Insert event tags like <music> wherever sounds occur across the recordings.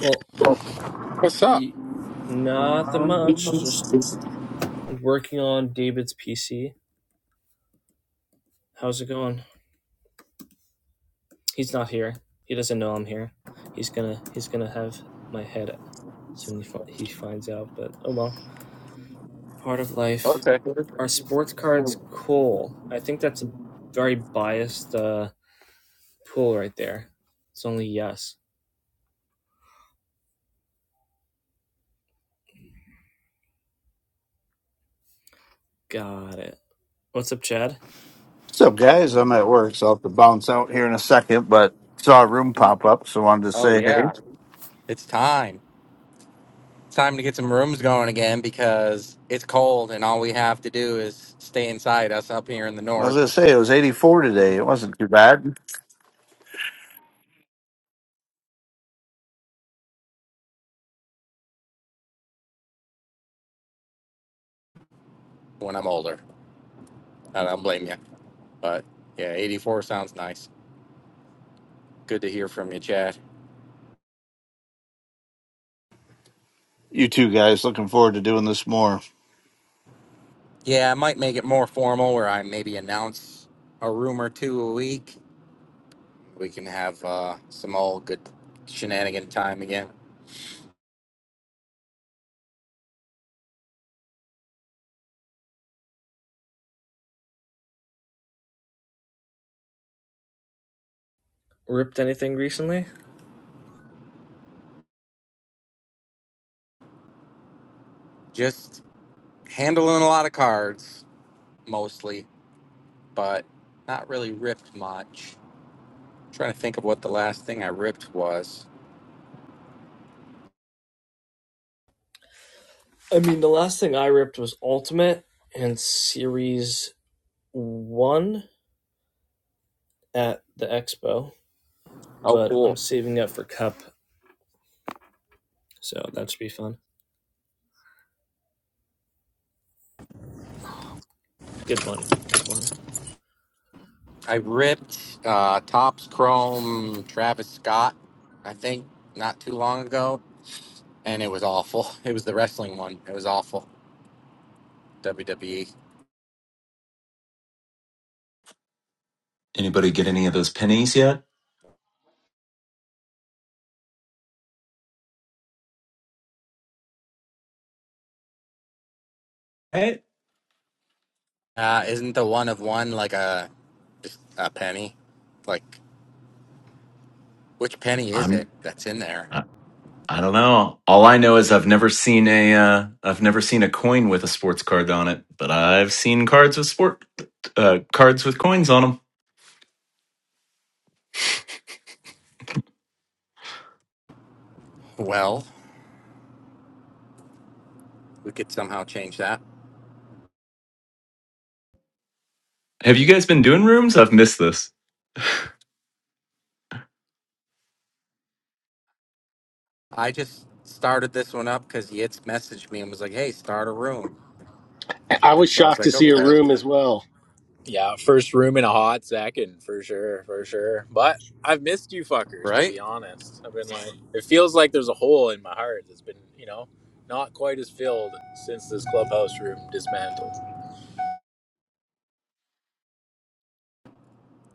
Well, What's up? not that much. Just working on David's PC. How's it going? He's not here. He doesn't know I'm here. He's gonna he's gonna have my head soon. He, he finds out, but oh well. Part of life. Okay. Our sports cards cool? I think that's a very biased uh, pool right there. It's only yes. Got it. What's up, Chad? What's up, guys? I'm at work, so I'll have to bounce out here in a second, but saw a room pop up, so wanted to Oh say hey. yeah, it's time. It's time to get some rooms going again because it's cold and all we have to do is stay inside us up here in the I was north going to say, it was 84 today. It wasn't too bad. when I'm older. I don't blame you. But yeah, 84 sounds nice. Good to hear from you, Chad. You two guys, looking forward to doing this more. Yeah, I might make it more formal where I maybe announce a room or two a week. We can have uh, some old good shenanigan time again. Ripped anything recently? Just handling a lot of cards mostly but not really ripped much. I'm trying to think of what the last thing I ripped was. I mean, the last thing I ripped was Ultimate and Series one at the expo, Oh, but I'm cool. saving up for Cup, so that should be fun. Good one, good one. I ripped uh, Topps Chrome Travis Scott, I think, not too long ago, and it was awful. <laughs> It was the wrestling one. It was awful. WWE. Anybody get any of those pennies yet? Right? Uh, isn't the one of one like a just a penny? Like, which penny is it I'm that's in there? I, I don't know. All I know is I've never seen a uh, I've never seen a coin with a sports card on it, but I've seen cards with sport uh, cards with coins on them. Well, we could somehow change that. Have you guys been doing rooms? I've missed this. I just started this one up because Yitz messaged me and was like, "Hey, start a room." <clears throat> I And was so I was shocked to like, see a okay, room as well, Yeah, first room in a hot second for sure, for sure. But I've missed you fuckers to right? be honest. I've been like it feels like there's a hole in my heart that's been, you know, not quite as filled since this clubhouse room dismantled.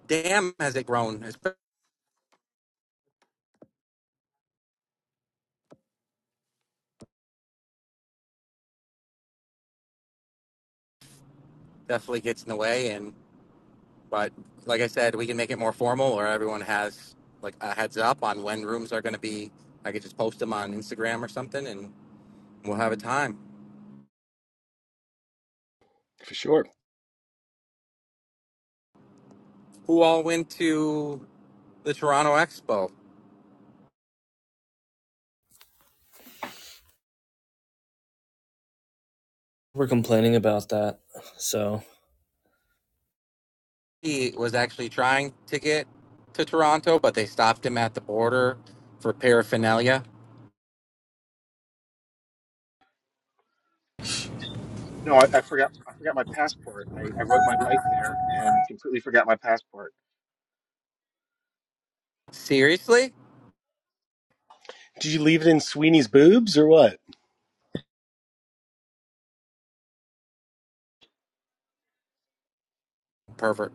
Damn, has it grown? It definitely gets in the way. And but like I said, we can make it more formal, or everyone has like a heads up on when rooms are going to be. I could just post them on Instagram or something, and we'll have a time. for sure. Who all went to the Toronto Expo? We're complaining about that, so He was actually trying to get to Toronto, but they stopped him at the border for paraphernalia. No, I, I forgot. I forgot my passport. I, I rode my bike there and completely forgot my passport. Seriously, Did you leave it in Sweeney's boobs or what? pervert.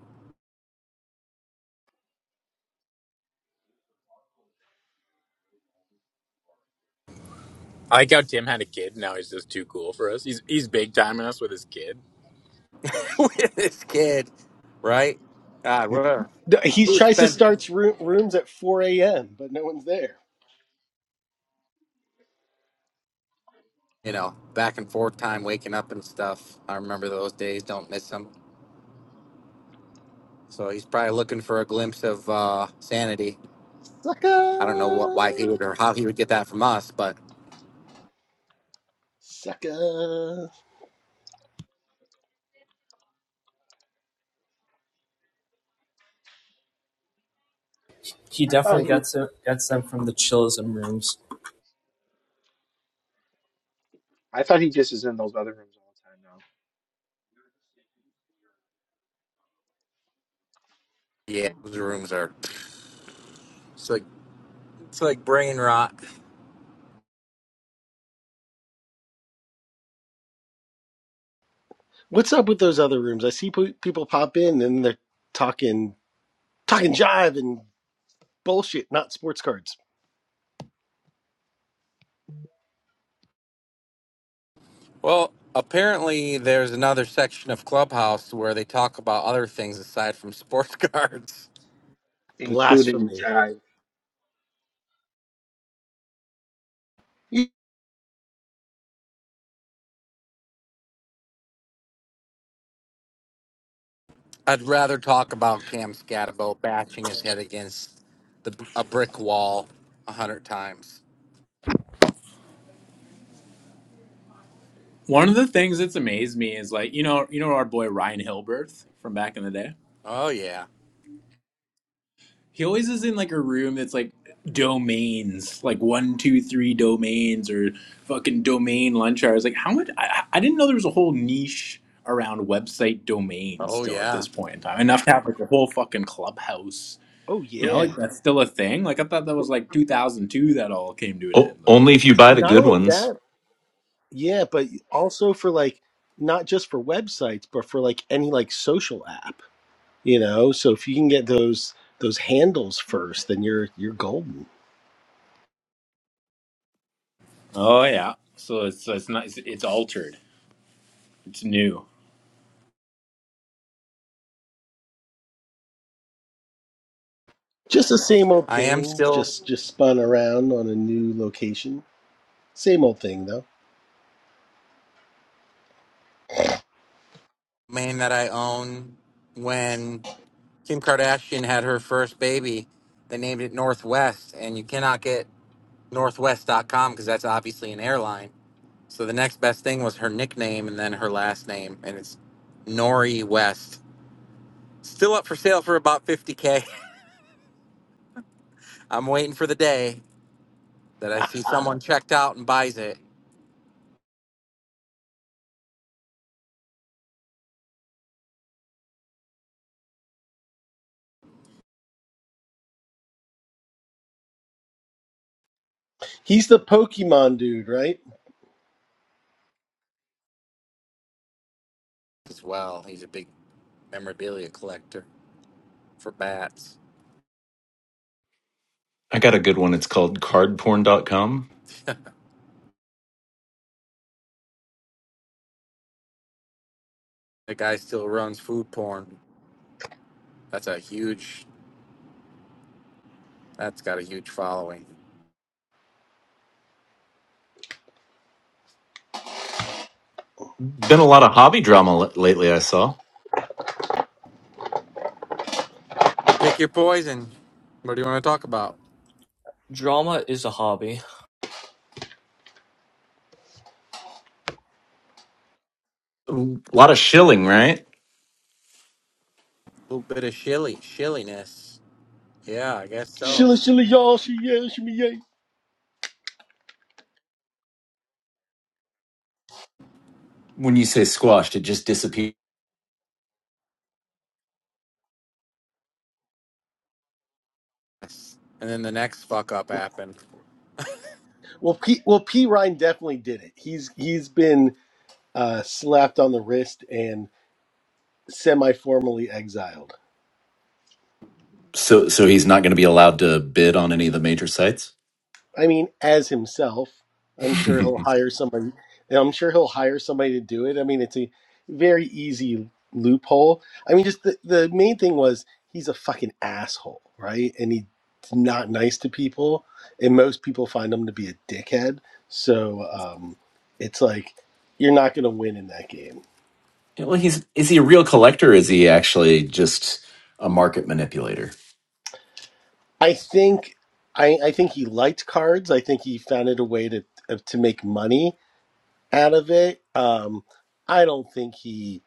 I like how Tim had a kid now he's just too cool for us. He's he's big timing us with his kid. <laughs> With this kid, right? God, <laughs> what? a He who tries to spent start roo- rooms at 4 a.m., but no one's there. you know back and forth time waking up and stuff i remember those days don't miss them so he's probably looking for a glimpse of uh sanity i don't know what why he Sucker! would or how he would get that from us but Sucker! he I thought definitely he, gets it, gets them from the chillism rooms. I thought he just is in those other rooms all the time now, yeah those rooms are it's like it's like brain rot What's up with those other rooms? I see pe- people pop in and they're talking, talking jive and bullshit, not sports cards. well apparently there's another section of clubhouse where they talk about other things aside from sports <laughs> cards including Blasphemy. Jive. <laughs> i'd rather talk about cam scatabo bashing his head against the, a brick wall a hundred times One of the things that's amazed me is like, you know, you know our boy Ryan Hilberth from back in the day? oh yeah He always is in like a room that's like domains, like one, two, three domains or fucking domain lunch hours. Like how much? I, I didn't know there was a whole niche around website domains Oh still at yeah, this point in time. Enough to have like a whole fucking clubhouse. Oh, You know, yeah. like that's still a thing. Like I thought that was like 2002 that all came to an end. Oh, Like only if you buy the Not good only ones. that, yeah, but also for like, not just for websites, but for like any like social app. you know so if you can get those those handles first then you're you're golden oh yeah, so it's it's not it's, it's altered. It's new. just the same old I am thing still just just spun around on a new location same old thing though main that I own. When Kim Kardashian had her first baby, they named it Northwest, and you cannot get Northwest dot com because that's obviously an airline. So the next best thing was her nickname and then her last name, and it's Nori West. Still up for sale for about 50k. <laughs> I'm waiting for the day that I see <laughs> someone checked out and buys it he's the pokemon dude right as well. He's a big memorabilia collector for bats. I got a good one. It's called cardporn.com. The guy still runs food porn. That's a huge. That's got a huge following. Been a lot of hobby drama l- lately, I saw. Pick your poison. What do you want to talk about? Drama is a hobby. A lot of shilling, right? A little bit of shilly, shilliness. Yeah, I guess so. shilla shilla y'all she yeah shimmy yay When you say squashed, it just disappears. And then the next fuck up happened. well p well p ryan definitely did it he's he's been uh slapped on the wrist and semi-formally exiled So, so he's not going to be allowed to bid on any of the major sites. I mean, as himself, I'm sure he'll <laughs> hire somebody. I'm sure he'll hire somebody to do it. I mean, it's a very easy loophole. I mean, just the, the main thing was he's a fucking asshole, right? And he's not nice to people, and most people find him to be a dickhead. So um, it's like you're not going to win in that game. Yeah, well, he's is he a real collector? Or is he actually just a market manipulator? I think. I, I think he liked cards. I think he found it a way to to make money out of it. Um, I don't think he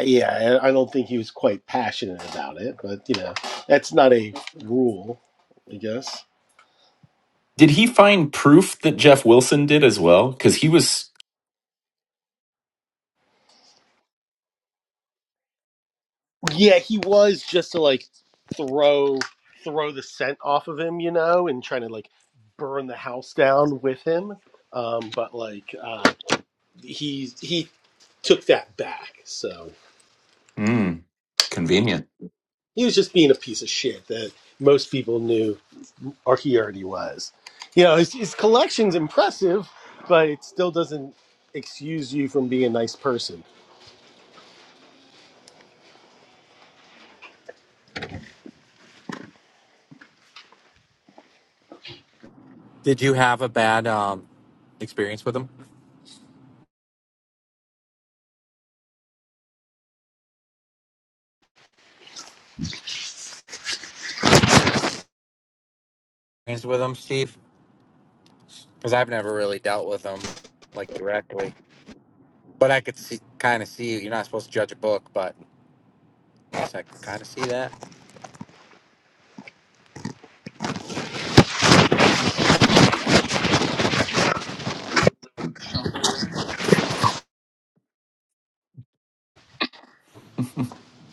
yeah, I I don't think he was quite passionate about it, but you know, that's not a rule, I guess. Did he find proof that Jeff Wilson did as well? Because he was Yeah, he was just to like throw throw the scent off of him, you know, and trying to like burn the house down with him. Um, but like uh, he he took that back, so mm, yeah, convenient. he was just being a piece of shit that most people knew or he already was. You know, his, his collection's impressive, but it still doesn't excuse you from being a nice person. Did you have a bad um experience with them? Experience with them, Steve? Because I've never really dealt with them like directly, but I could see kind of see. You're not supposed to judge a book, but I guess I can kind of see that. <laughs>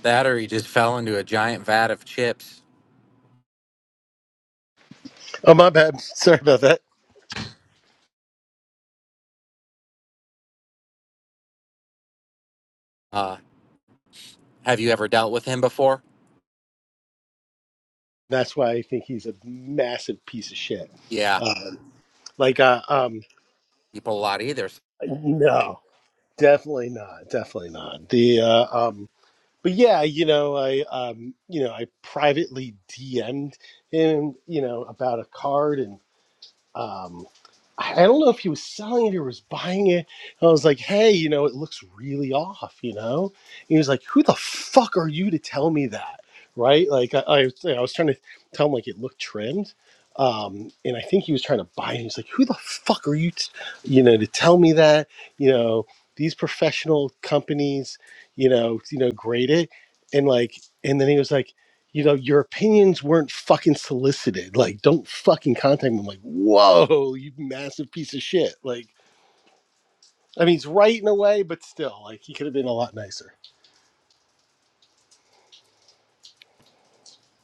That or he just fell into a giant vat of chips. Oh, my bad. <laughs> Sorry about that. Uh, have you ever dealt with him before? That's why I think he's a massive piece of shit. Yeah, Um, like, uh, um, people a lot either. so no, definitely not. Definitely not. The, uh, um, but yeah, you know, I, um, you know, I privately DM'd him, you know, about a card and. um, I I don't know if he was selling it or was buying it. And I was like, hey, you know, it looks really off, you know? And he was like, who the fuck are you to tell me that? Right? Like, I, I, was- I was trying to tell him, like, it looked trimmed. Um, and I think he was trying to buy it. He's like, who the fuck are you, t- you know, to tell me that? You know, these professional companies, you know, you know, grade it. And like, and then he was like, you know, your opinions weren't fucking solicited. Like, don't fucking contact me. I'm like, whoa, you massive piece of shit. Like, I mean, it's right in a way, but still, like, he could have been a lot nicer.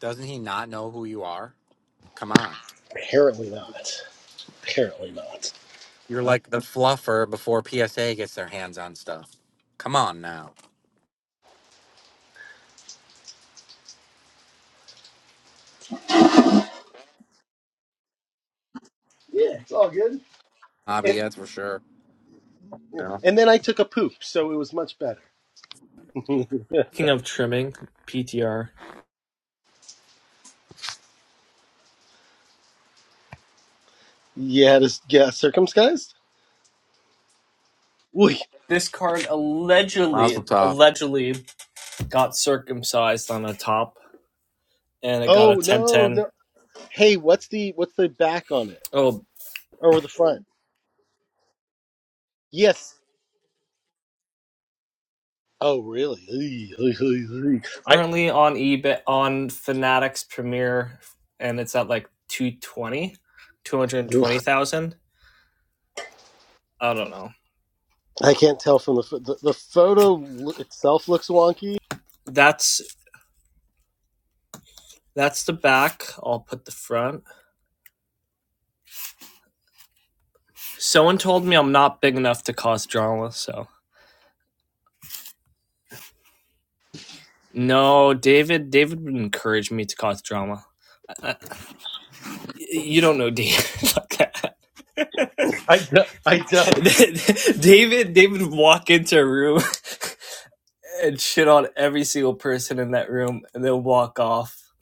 Doesn't he not know who you are? Come on. Apparently not. Apparently not. You're like the fluffer before PSA gets their hands on stuff. Come on now. Yeah, it's all good. Hobby, And, that's for sure. Yeah. and then I took a poop, so it was much better. <laughs> Speaking of trimming, PTR. Yeah, had yeah, circumcised? Oy. This card Mazel allegedly, tov. allegedly got circumcised on the top, and it got a Oh ten no, ten. no. Hey, what's the what's the back on it Oh, or the front? Yes. Oh really? Oy, oy, oy, oy. I. currently on eBay on Fanatics Premier and it's at like 220 ugh, 220,000. I don't know. I can't tell from the pho- the, the photo lo- itself looks wonky. That's that's the back. I'll put the front. Someone told me I'm not big enough to cause drama, so no, David. David would encourage me to cause drama. Uh, you don't know David. <laughs> like that. I do- I don't, David. David would walk into a room <laughs> and shit on every single person in that room, and they'll walk off.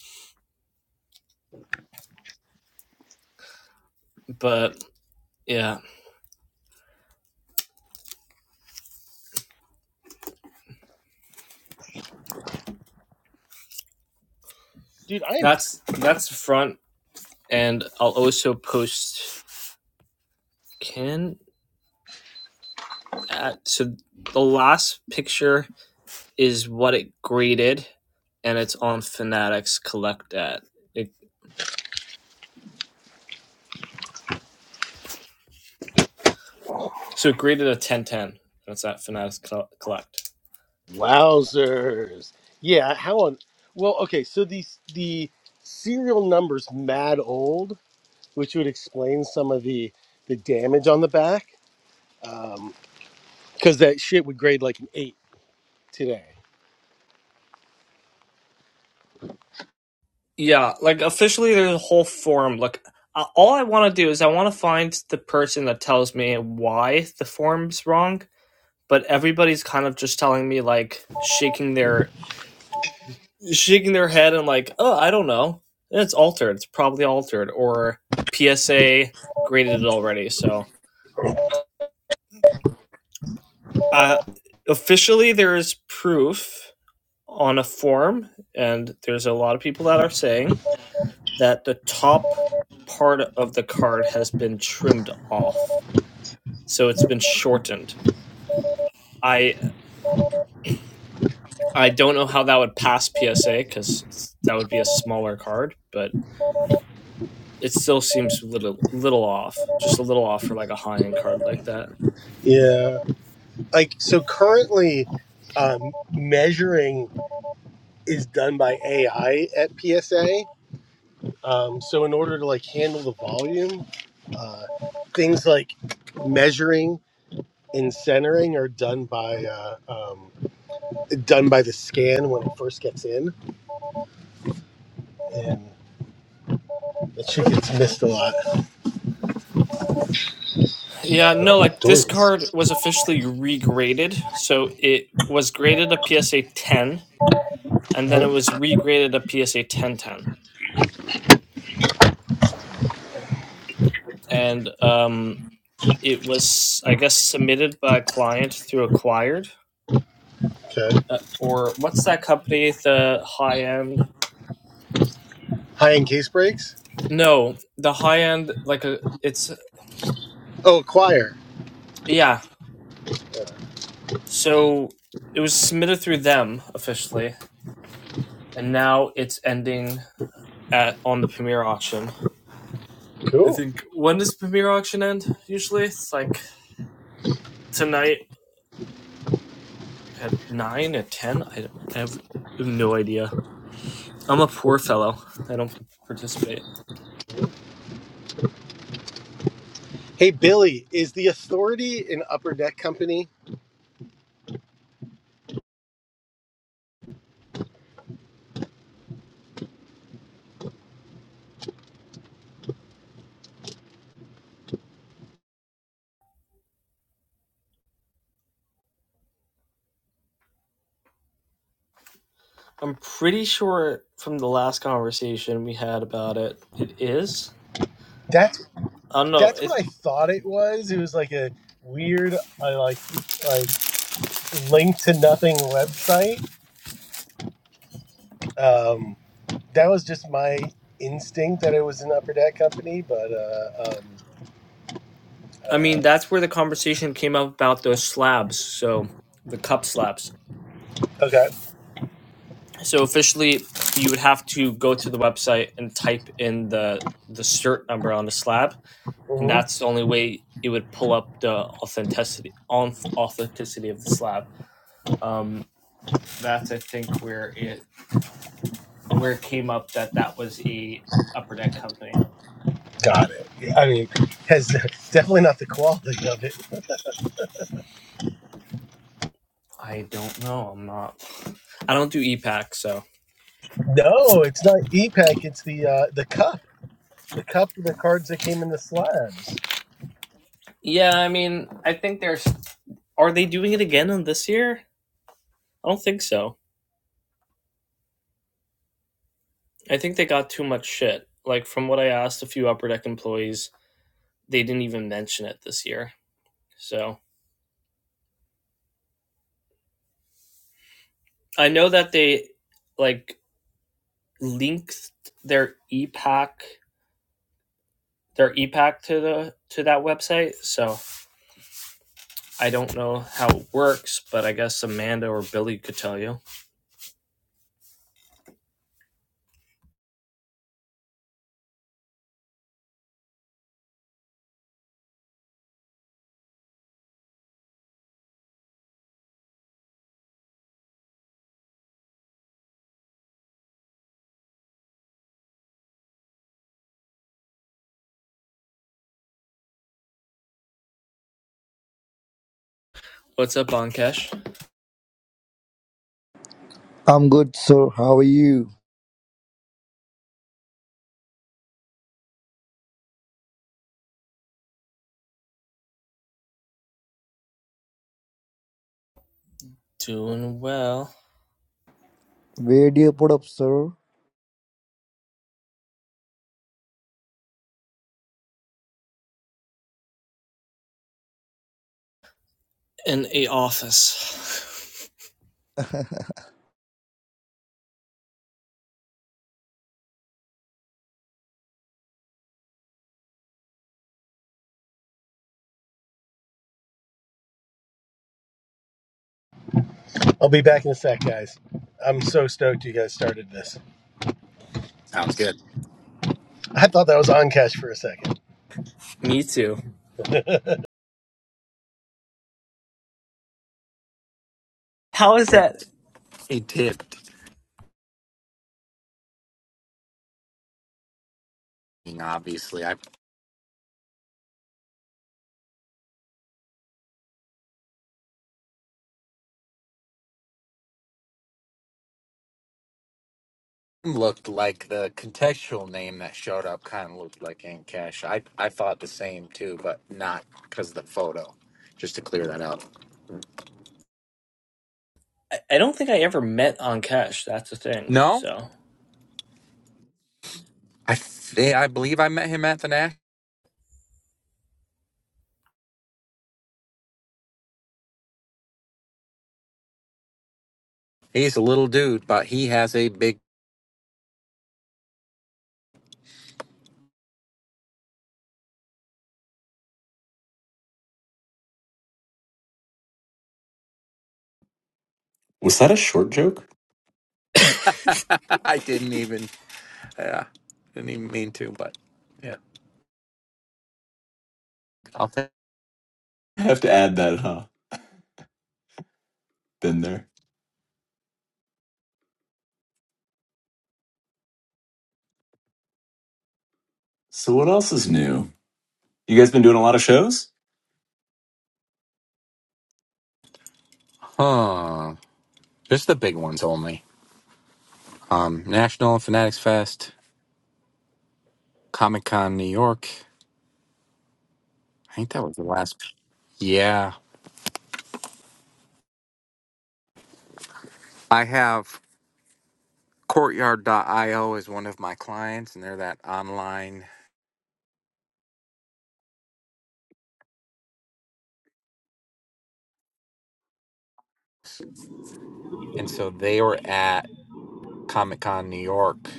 But yeah, dude. I am that's that's front and i'll also post can at. so the last picture is what it graded and it's on fanatics collect at it, so it graded a 1010 and it's at fanatics collect wowzers. Yeah, how on? Well, okay. So these the serial numbers mad old, which would explain some of the the damage on the back, because that shit would grade like an eight today. yeah like officially there's a whole forum like uh, all i want to do is i want to find the person that tells me why the forum's wrong but everybody's kind of just telling me like shaking their shaking their head and like, oh, I don't know. And it's altered. It's probably altered or PSA graded it already. So uh, officially, there is proof on a form, and there's a lot of people that are saying that the top part of the card has been trimmed off, so it's been shortened. I I don't know how that would pass PSA because that would be a smaller card, but it still seems a little little off, just a little off for like a high end card like that. Yeah, like so currently. Um, measuring is done by AI at PSA. Um, so in order to like handle the volume, Uh, things like measuring and centering are done by uh, um, done by the scan when it first gets in, and that shit gets missed a lot. Yeah, no, Oh, like this doors. card was officially regraded, so it was graded a PSA ten, and then it Oh, was regraded a PSA ten ten, and um, it was I guess submitted by a client through acquired okay. uh, or what's that company the high end? High end case breaks. No, the high end like a it's Oh, choir. yeah. So it was submitted through them officially and now it's ending at on the premier auction. I Cool. think when does premier auction end? Usually, it's like tonight at nine at ten. I, I have no idea. I'm a poor fellow. I don't participate. Hey Billy, is the Authority an upper deck company? I'm pretty sure from the last conversation we had about it, it is. That's I don't know. that's It, what I thought it was. It was like a weird, I like like link to nothing website. Um. that was just my instinct that it was an upper deck company, but uh, um, I uh, mean, that's where the conversation came up about those slabs. So the cup slabs. okay, So officially, you would have to go to the website and type in the the cert number on the slab, and hmm that's the only way it would pull up the authenticity on authenticity of the slab. Um, that's I think where it where it came up that that was a upper deck company. got it. Yeah, I mean, has <laughs> definitely not the quality of it. I don't know. I'm not. I don't do EPAC, so No, it's not EPEC. It's the uh, the cup, the cup with the cards that came in the slabs. yeah. I mean, I think there's. Are they doing it again in this year? I don't think so. I think they got too much shit. Like from what I asked a few upper deck employees, they didn't even mention it this year. So I know that they like linked their EPAC their EPAC to the to that website. So I don't know how it works, but I guess Amanda or Billy could tell you. What's up, Ankesh? I'm good, sir. How are you? Doing well Where do you put up, sir? in a office. <laughs> I'll be back in a sec, guys. I'm so stoked you guys started this. Sounds good. I thought that was on cash for a second. <laughs> Me too. How is Tip. that? He tipped. Obviously, I looked like the contextual name that showed up kind of looked like Aunt Cash. I, I thought the same too, but not because of the photo. Just to clear that up. I I don't think I ever met Ankesh. That's the thing. No, So I th- I believe I met him at the Nash. He's a little dude, but he has a big. Was that a short joke? <laughs> I didn't even Yeah, didn't even mean to, but yeah. I'll think. I have to add that, huh? Been there. So what else is new? You guys been doing a lot of shows? Huh. Just the big ones only. Um, National Fanatics Fest, Comic Con New York. I think that was the last. Yeah. I have Courtyard.io is one of my clients, and they're that online. And so they were at Comic Con New York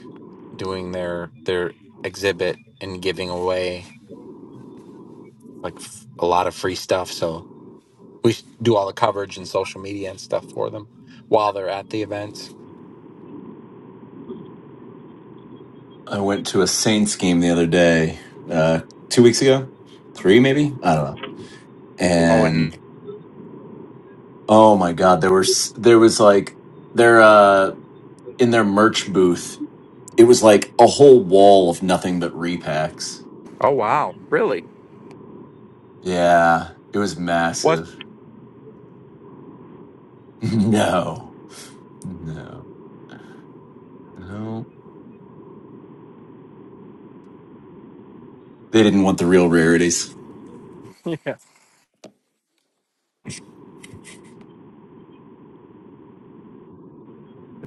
doing their their exhibit and giving away like f- a lot of free stuff. So we s- do all the coverage and social media and stuff for them while they're at the events. I went to a Saints game the other day, uh, two weeks ago, three maybe. I don't know. Oh, and And oh my god, there was there was like they uh, in their merch booth. It was like a whole wall of nothing but repacks. oh wow, really? Yeah, it was Was massive. <laughs> No, no, no. They didn't want the real rarities. <laughs> yeah, the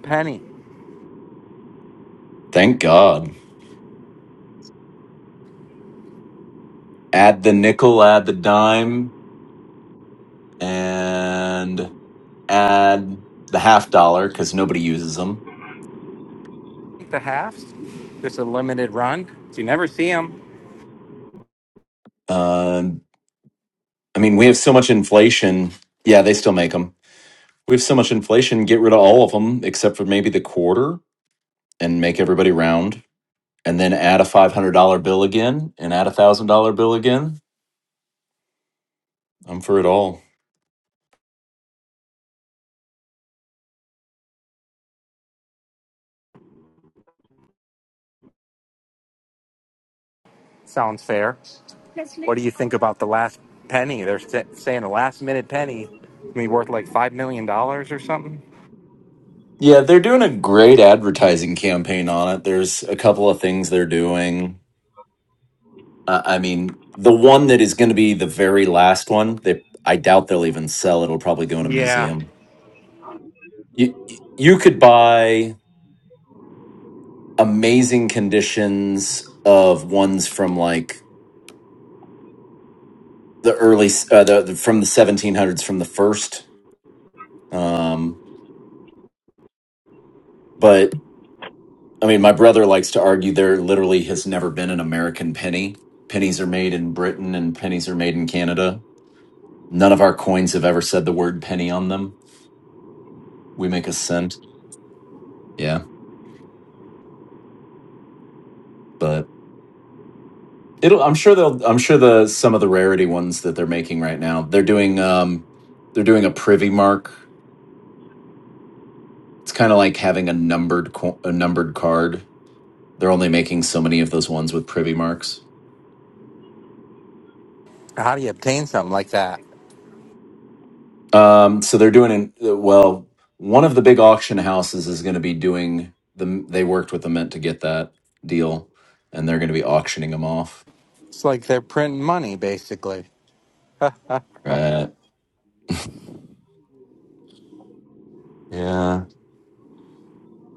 penny? Thank God. Add the nickel, add the dime, and add the half dollar because nobody uses them. Take the halves. Just a limited run. So You never see them. Uh, I mean, we have so much inflation. Yeah, they still make them. We have so much inflation. Get rid of all of them except for maybe the quarter and make everybody round and then add a $500 bill again and add a $1,000 bill again. I'm for it all. Sounds fair. What do you think about the last penny? They're sa- saying the last minute penny may be worth like five million dollars or something. Yeah, they're doing a great advertising campaign on it. There's a couple of things they're doing. Uh, I mean, the one that is going to be the very last one, they, I doubt they'll even sell it. It'll probably go in a Yeah. museum. You, you could buy amazing conditions of ones from like the early, uh, the, the- from the 1700s, from the first. Um, but I mean, my brother likes to argue there literally has never been an American penny. Pennies are made in Britain and pennies are made in Canada. None of our coins have ever said the word penny on them. We make a cent. Yeah, but it'll I'm sure they'll I'm sure the some of the rarity ones that they're making right now. They're doing um they're doing a privy mark. It's kind of like having a numbered co- a numbered card. They're only making so many of those ones with privy marks. How do you obtain something like that? Um, so they're doing in, well. One of the big auction houses is going to be doing the. They worked with the Mint to get that deal, and they're going to be auctioning them off. It's like they're printing money, basically, Right? Yeah.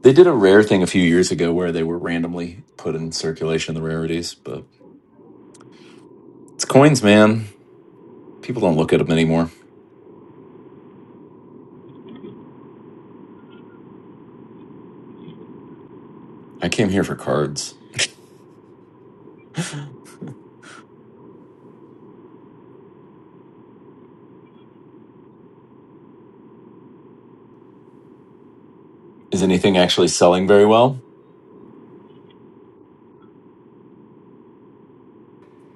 They did a rare thing a few years ago where they were randomly put in circulation the rarities, but it's coins, man. People don't look at them anymore. I came here for cards. <gasps> <laughs> Is anything actually selling very well?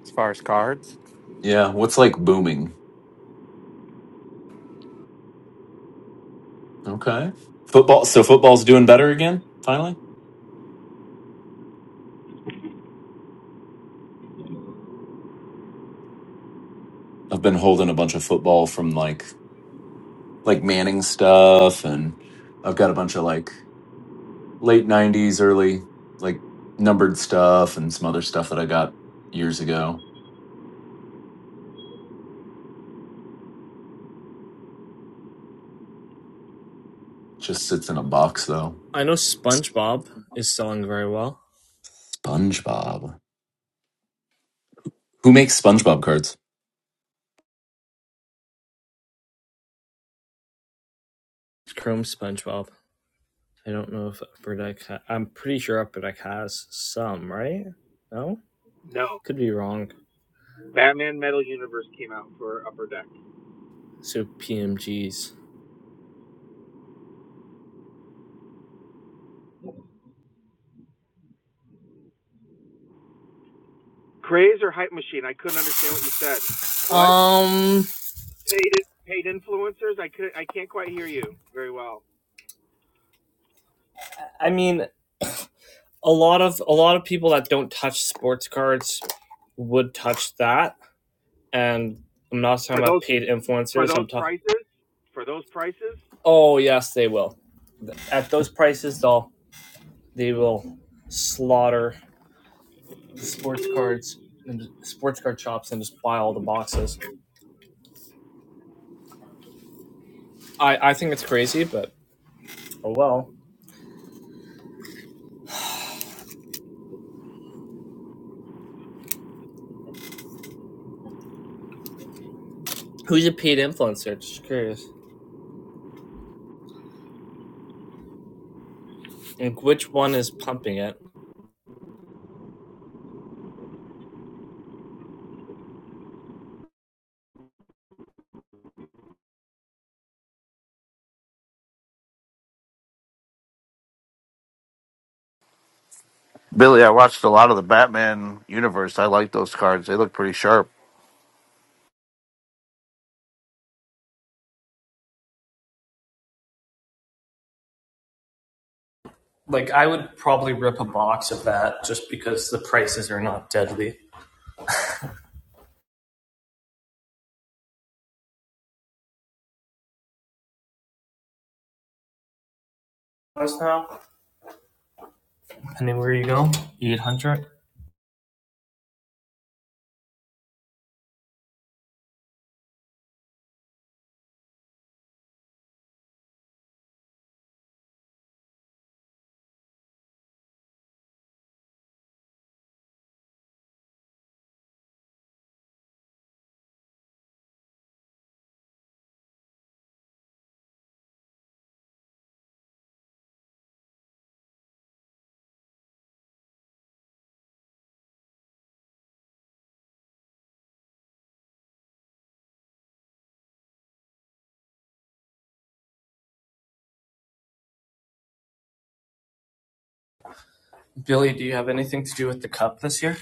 as far as cards. Yeah. What's like booming? Okay. Football. So football's doing better again. Finally. I've been holding a bunch of football from like like Manning stuff, and I've got a bunch of like late '90s, early like numbered stuff, and some other stuff that I got years ago. Just sits in a box though. I know SpongeBob is selling very well. SpongeBob. Who makes SpongeBob cards? Chrome SpongeBob. I don't know if Upper Deck. Ha- I'm pretty sure Upper Deck has some, right? No, No. could be wrong. Batman Metal Universe came out for Upper Deck. So PMGs. Craze or hype machine? I couldn't understand what you said. What? Um, Paid paid influencers? I could I can't quite hear you very well. I mean, a lot of a lot of people that don't touch sports cards would touch that, and I'm not For talking about those paid for influencers. those I'm talking. prices? For those prices? Oh yes, they will. At those prices, they'll they will slaughter sports cards and sports card shops and just buy all the boxes. I I think it's crazy, but oh well. Who's a paid influencer? Just curious. And which one is pumping it? Billy, I watched a lot of the Batman universe. I like those cards, they look pretty sharp. Like I would probably rip a box of that just because the prices are not deadly. What's now? Depending where you go. Eight hundred. Billy, do you have anything to do with the cup this year?